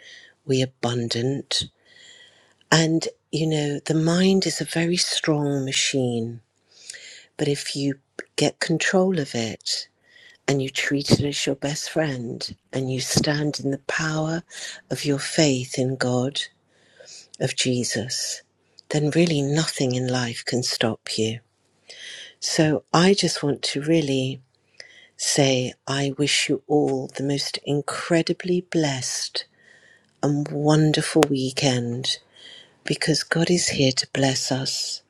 [SPEAKER 10] We are abundant. And, you know, the mind is a very strong machine, but if you get control of it, and you treat it as your best friend and you stand in the power of your faith in God, of Jesus, then really nothing in life can stop you. So I just want to really say I wish you all the most incredibly blessed and wonderful weekend because God is here to bless us,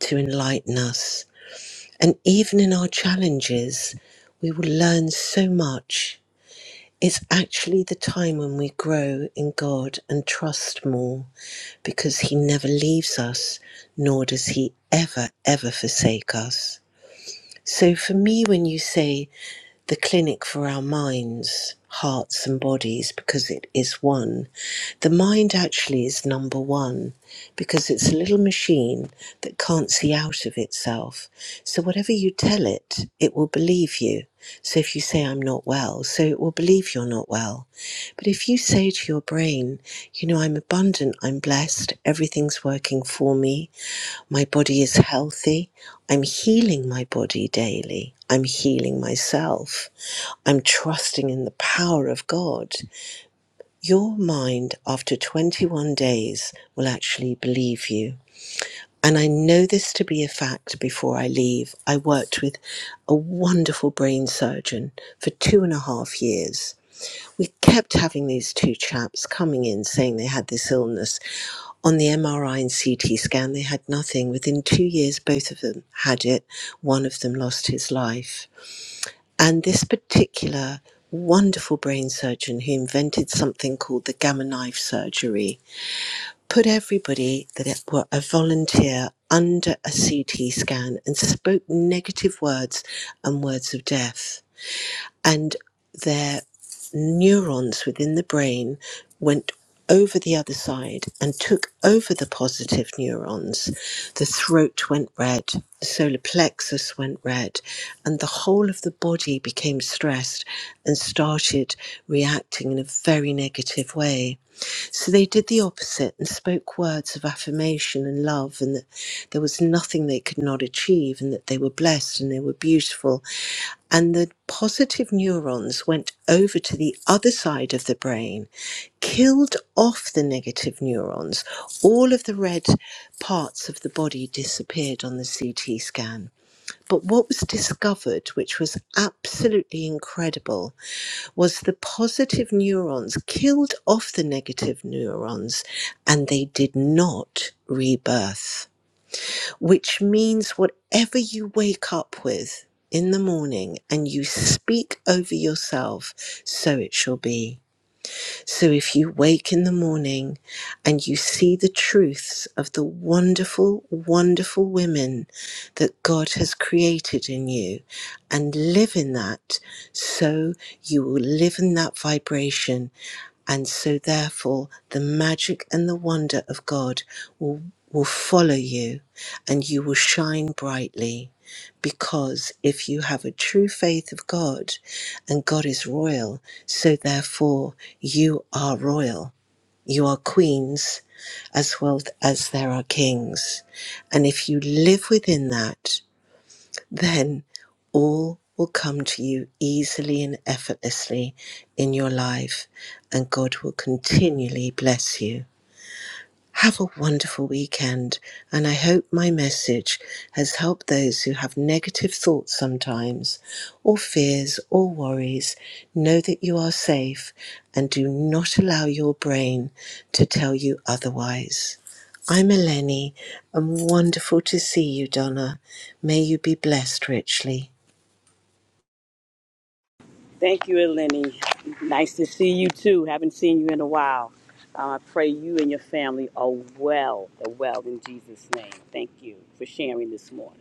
[SPEAKER 10] to enlighten us. And even in our challenges, we will learn so much It's actually the time when we grow in God and trust more because He never leaves us, nor does He ever, ever forsake us. So for me, when you say the clinic for our minds, hearts, and bodies because it is one. The mind actually is number one because it's a little machine that can't see out of itself. So, whatever you tell it, it will believe you. So, if you say, I'm not well, so it will believe you're not well. But if you say to your brain, You know, I'm abundant, I'm blessed, everything's working for me, my body is healthy. I'm healing my body daily. I'm healing myself. I'm trusting in the power of God. Your mind, after 21 days, will actually believe you. And I know this to be a fact before I leave. I worked with a wonderful brain surgeon for two and a half years we kept having these two chaps coming in saying they had this illness. On the MRI and CT scan, they had nothing. Within two years, both of them had it. One of them lost his life. And this particular wonderful brain surgeon who invented something called the gamma knife surgery put everybody that were a volunteer under a CT scan and spoke negative words and words of death and their neurons within the brain went over the other side and took over the positive neurons. The throat went red, the solar plexus went red, and the whole of the body became stressed and started reacting in a very negative way. So they did the opposite and spoke words of affirmation and love, and that there was nothing they could not achieve, and that they were blessed and they were beautiful and the positive neurons went over to the other side of the brain, killed off the negative neurons. All of the red parts of the body disappeared on the CT scan. But what was discovered, which was absolutely incredible, was the positive neurons killed off the negative neurons and they did not rebirth which means whatever you wake up with in the morning and you speak over yourself, so it shall be. So if you wake in the morning and you see the truths of the wonderful, wonderful women that God has created in you and live in that, so you will live in that vibration and so, therefore, the magic and the wonder of God will, will follow you and you will shine brightly. Because if you have a true faith of God and God is royal, so therefore you are royal. You are queens as well as there are kings. And if you live within that, then all will come to you easily and effortlessly in your life, and God will continually bless you. Have a wonderful weekend, and I hope my message has helped those who have negative thoughts sometimes, or fears, or worries. Know that you are safe and do not allow your brain to tell you otherwise. I'm Eleni, and wonderful to see you, Donna. May you be blessed richly.
[SPEAKER 6] thank you eleni nice to see you too haven't seen you in a while uh, i pray you and your family are well are well in jesus name thank you for sharing this morning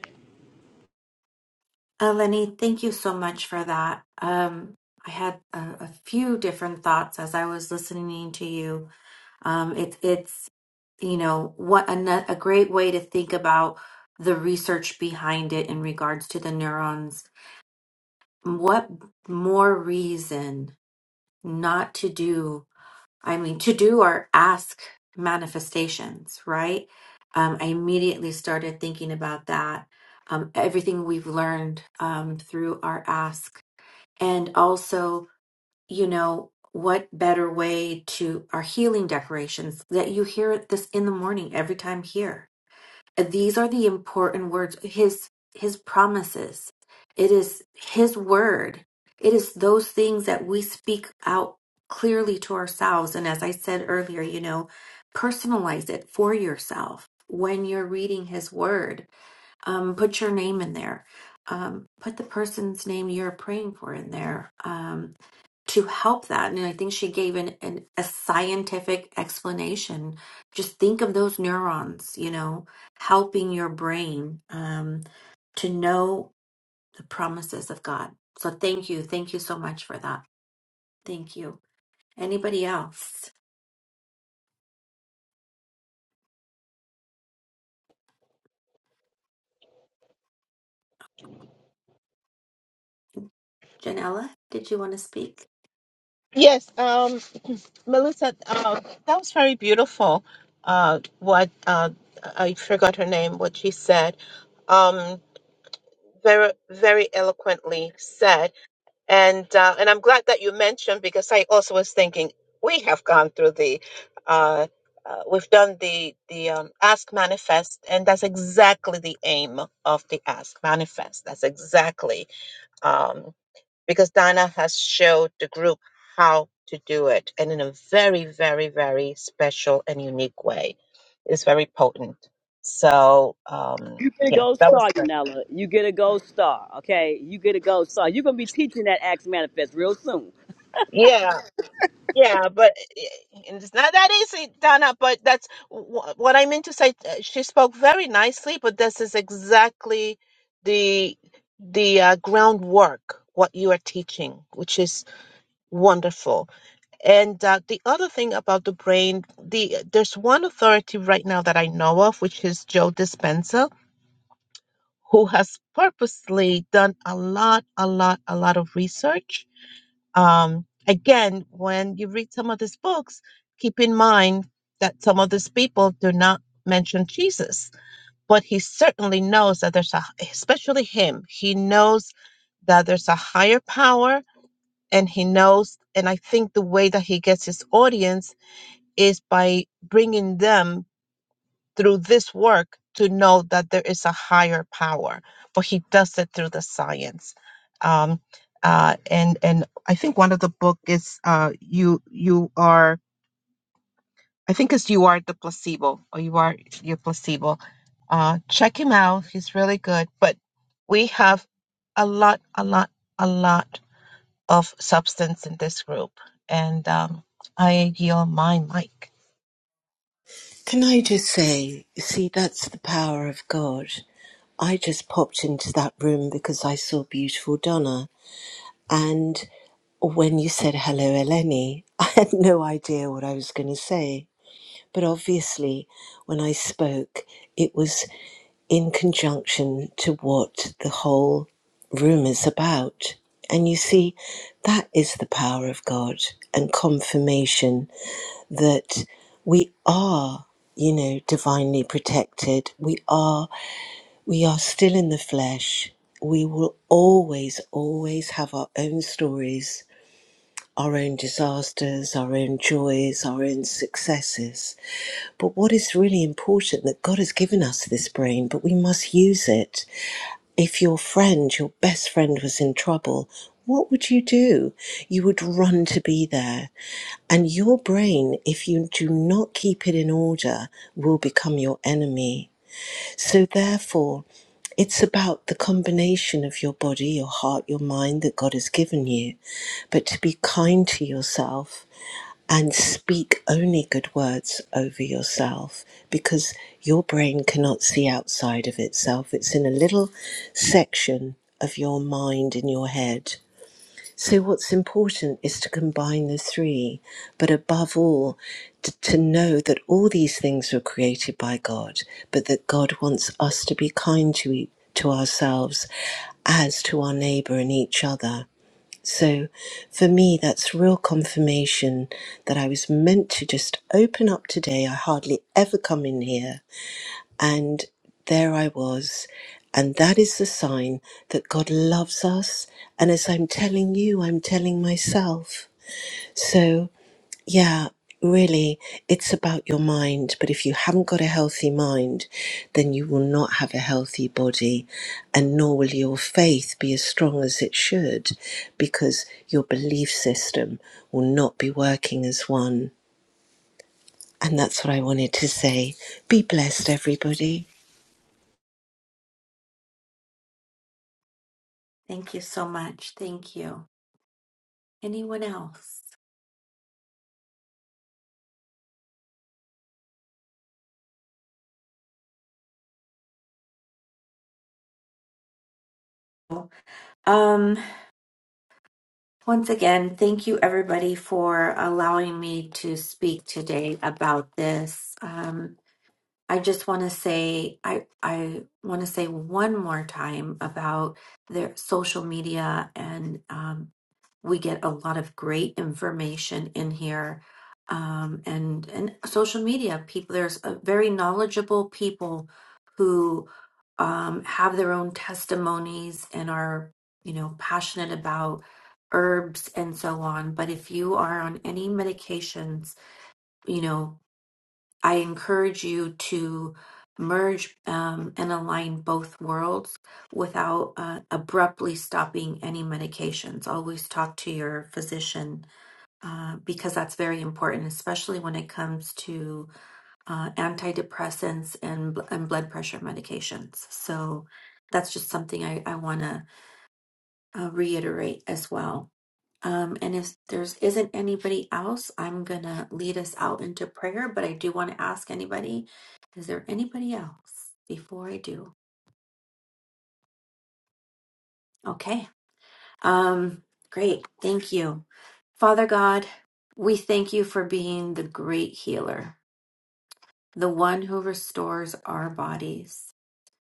[SPEAKER 5] Eleni, thank you so much for that. Um, I had a, a few different thoughts as I was listening to you. Um, it, it's, you know, what a, no- a great way to think about the research behind it in regards to the neurons. What more reason not to do, I mean, to do or ask manifestations, right? Um, I immediately started thinking about that. Um, everything we've learned um, through our ask and also, you know, what better way to our healing decorations that you hear this in the morning every time here. These are the important words, his his promises. It is his word. It is those things that we speak out clearly to ourselves. And as I said earlier, you know, personalize it for yourself when you're reading his word. Um, put your name in there. Um, put the person's name you're praying for in there. Um, to help that. And I think she gave an, an a scientific explanation. Just think of those neurons, you know, helping your brain um, to know the promises of God. So thank you, thank you so much for that. Thank you. Anybody else? Janella, did you want to speak?
[SPEAKER 7] Yes, um, Melissa, uh, that was very beautiful. Uh, what uh, I forgot her name, what she said, um, very, very eloquently said. and uh, and I'm glad that you mentioned because I also was thinking we have gone through the uh, uh, we've done the the um, ask manifest and that's exactly the aim of the ask manifest that's exactly um, because Donna has showed the group how to do it and in a very very very special and unique way it's very potent so um,
[SPEAKER 6] you get a
[SPEAKER 7] yeah
[SPEAKER 6] gold
[SPEAKER 7] that
[SPEAKER 6] star,
[SPEAKER 7] was good
[SPEAKER 6] Yanela. You get a gold star, okay? You get a gold star. You're gonna be teaching that Acts manifest real soon.
[SPEAKER 7] Yeah, Yeah, but eh, and it's not that easy, Donna. But that's wh- what I meant to say. Uh, She spoke very nicely, but this is exactly the the uh, groundwork what you are teaching, which is wonderful. And uh, the other thing about the brain, the there's one authority right now that I know of, which is Joe Dispenza, who has purposely done a lot, a lot, a lot of research um, again, when you read some of these books, keep in mind that some of these people do not mention Jesus, but he certainly knows that there's a, especially him, he knows that there's a higher power and he knows. And I think the way that he gets his audience is by bringing them through this work to know that there is a higher power, but he does it through the science. Um, uh, and and I think one of the book is uh, you you are I think it's you are the placebo or you are your placebo. Uh, check him out; he's really good. But we have a lot, a lot, a lot of substance in this group, and um, I yield my mic.
[SPEAKER 10] Can I just say, see, that's the power of God. I just popped into that room because I saw beautiful Donna. and. When you said hello, Eleni, I had no idea what I was going to say. But obviously, when I spoke, it was in conjunction to what the whole room is about. And you see, that is the power of God and confirmation that we are, you know, divinely protected. We are, we are still in the flesh. We will always, always have our own stories our own disasters, our own joys, our own successes. But what is really important that God has given us this brain, but we must use it. If your friend, your best friend was in trouble, what would you do? You would run to be there. And your brain, if you do not keep it in order, will become your enemy. So, therefore, it's about the combination of your body, your heart, your mind that God has given you. But to be kind to yourself and speak only good words over yourself because your brain cannot see outside of itself. It's in a little section of your mind in your head. So, what's important is to combine the three, but above all, to, to know that all these things were created by God, but that God wants us to be kind to, e- to ourselves as to our neighbor and each other. So for me, that's real confirmation that I was meant to just open up today. I hardly ever come in here. And there I was. And that is the sign that God loves us. And as I'm telling you, I'm telling myself. So yeah, really, it's about your mind. But if you haven't got a healthy mind, then you will not have a healthy body, and nor will your faith be as strong as it should, because your belief system will not be working as one. And that's what I wanted to say. Be blessed, everybody.
[SPEAKER 5] Thank you so much. Thank you. Anyone else? Um, once again, thank you everybody for allowing me to speak today about this. Um, I just want to say I I want to say one more time about their social media and um, we get a lot of great information in here um, and and social media people there's a very knowledgeable people who um, have their own testimonies and are you know passionate about herbs and so on but if you are on any medications you know I encourage you to merge um, and align both worlds without uh, abruptly stopping any medications. Always talk to your physician uh, because that's very important, especially when it comes to uh, antidepressants and, bl- and blood pressure medications. So that's just something I, I want to uh, reiterate as well. Um, and if there's isn't anybody else, I'm gonna lead us out into prayer, but I do want to ask anybody, is there anybody else before I do? Okay. Um, great. Thank you. Father God, we thank you for being the great healer, the one who restores our bodies.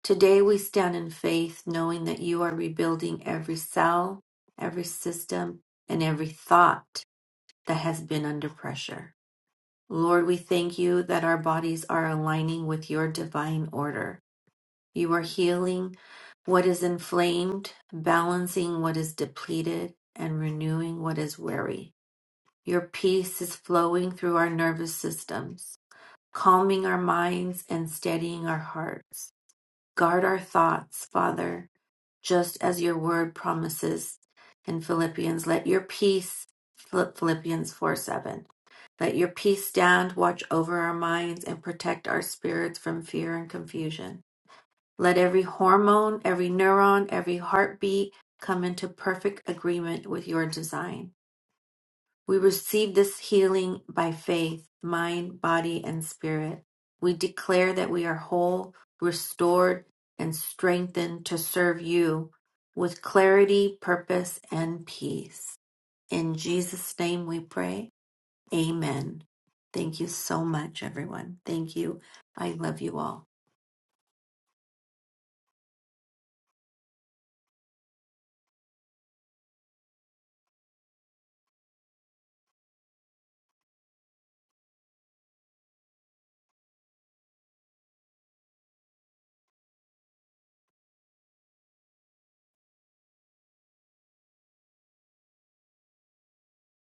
[SPEAKER 5] Today we stand in faith, knowing that you are rebuilding every cell, every system, and every thought that has been under pressure. Lord, we thank you that our bodies are aligning with your divine order. You are healing what is inflamed, balancing what is depleted, and renewing what is weary. Your peace is flowing through our nervous systems, calming our minds and steadying our hearts. Guard our thoughts, Father, just as your word promises in Philippians. Let your peace, Philippians 4 7. Let your peace stand, watch over our minds, and protect our spirits from fear and confusion. Let every hormone, every neuron, every heartbeat come into perfect agreement with your design. We receive this healing by faith, mind, body, and spirit. We declare that we are whole, restored, and strengthened to serve you with clarity, purpose, and peace. In Jesus' name we pray. Amen. Thank you so much, everyone. Thank you. I love you all.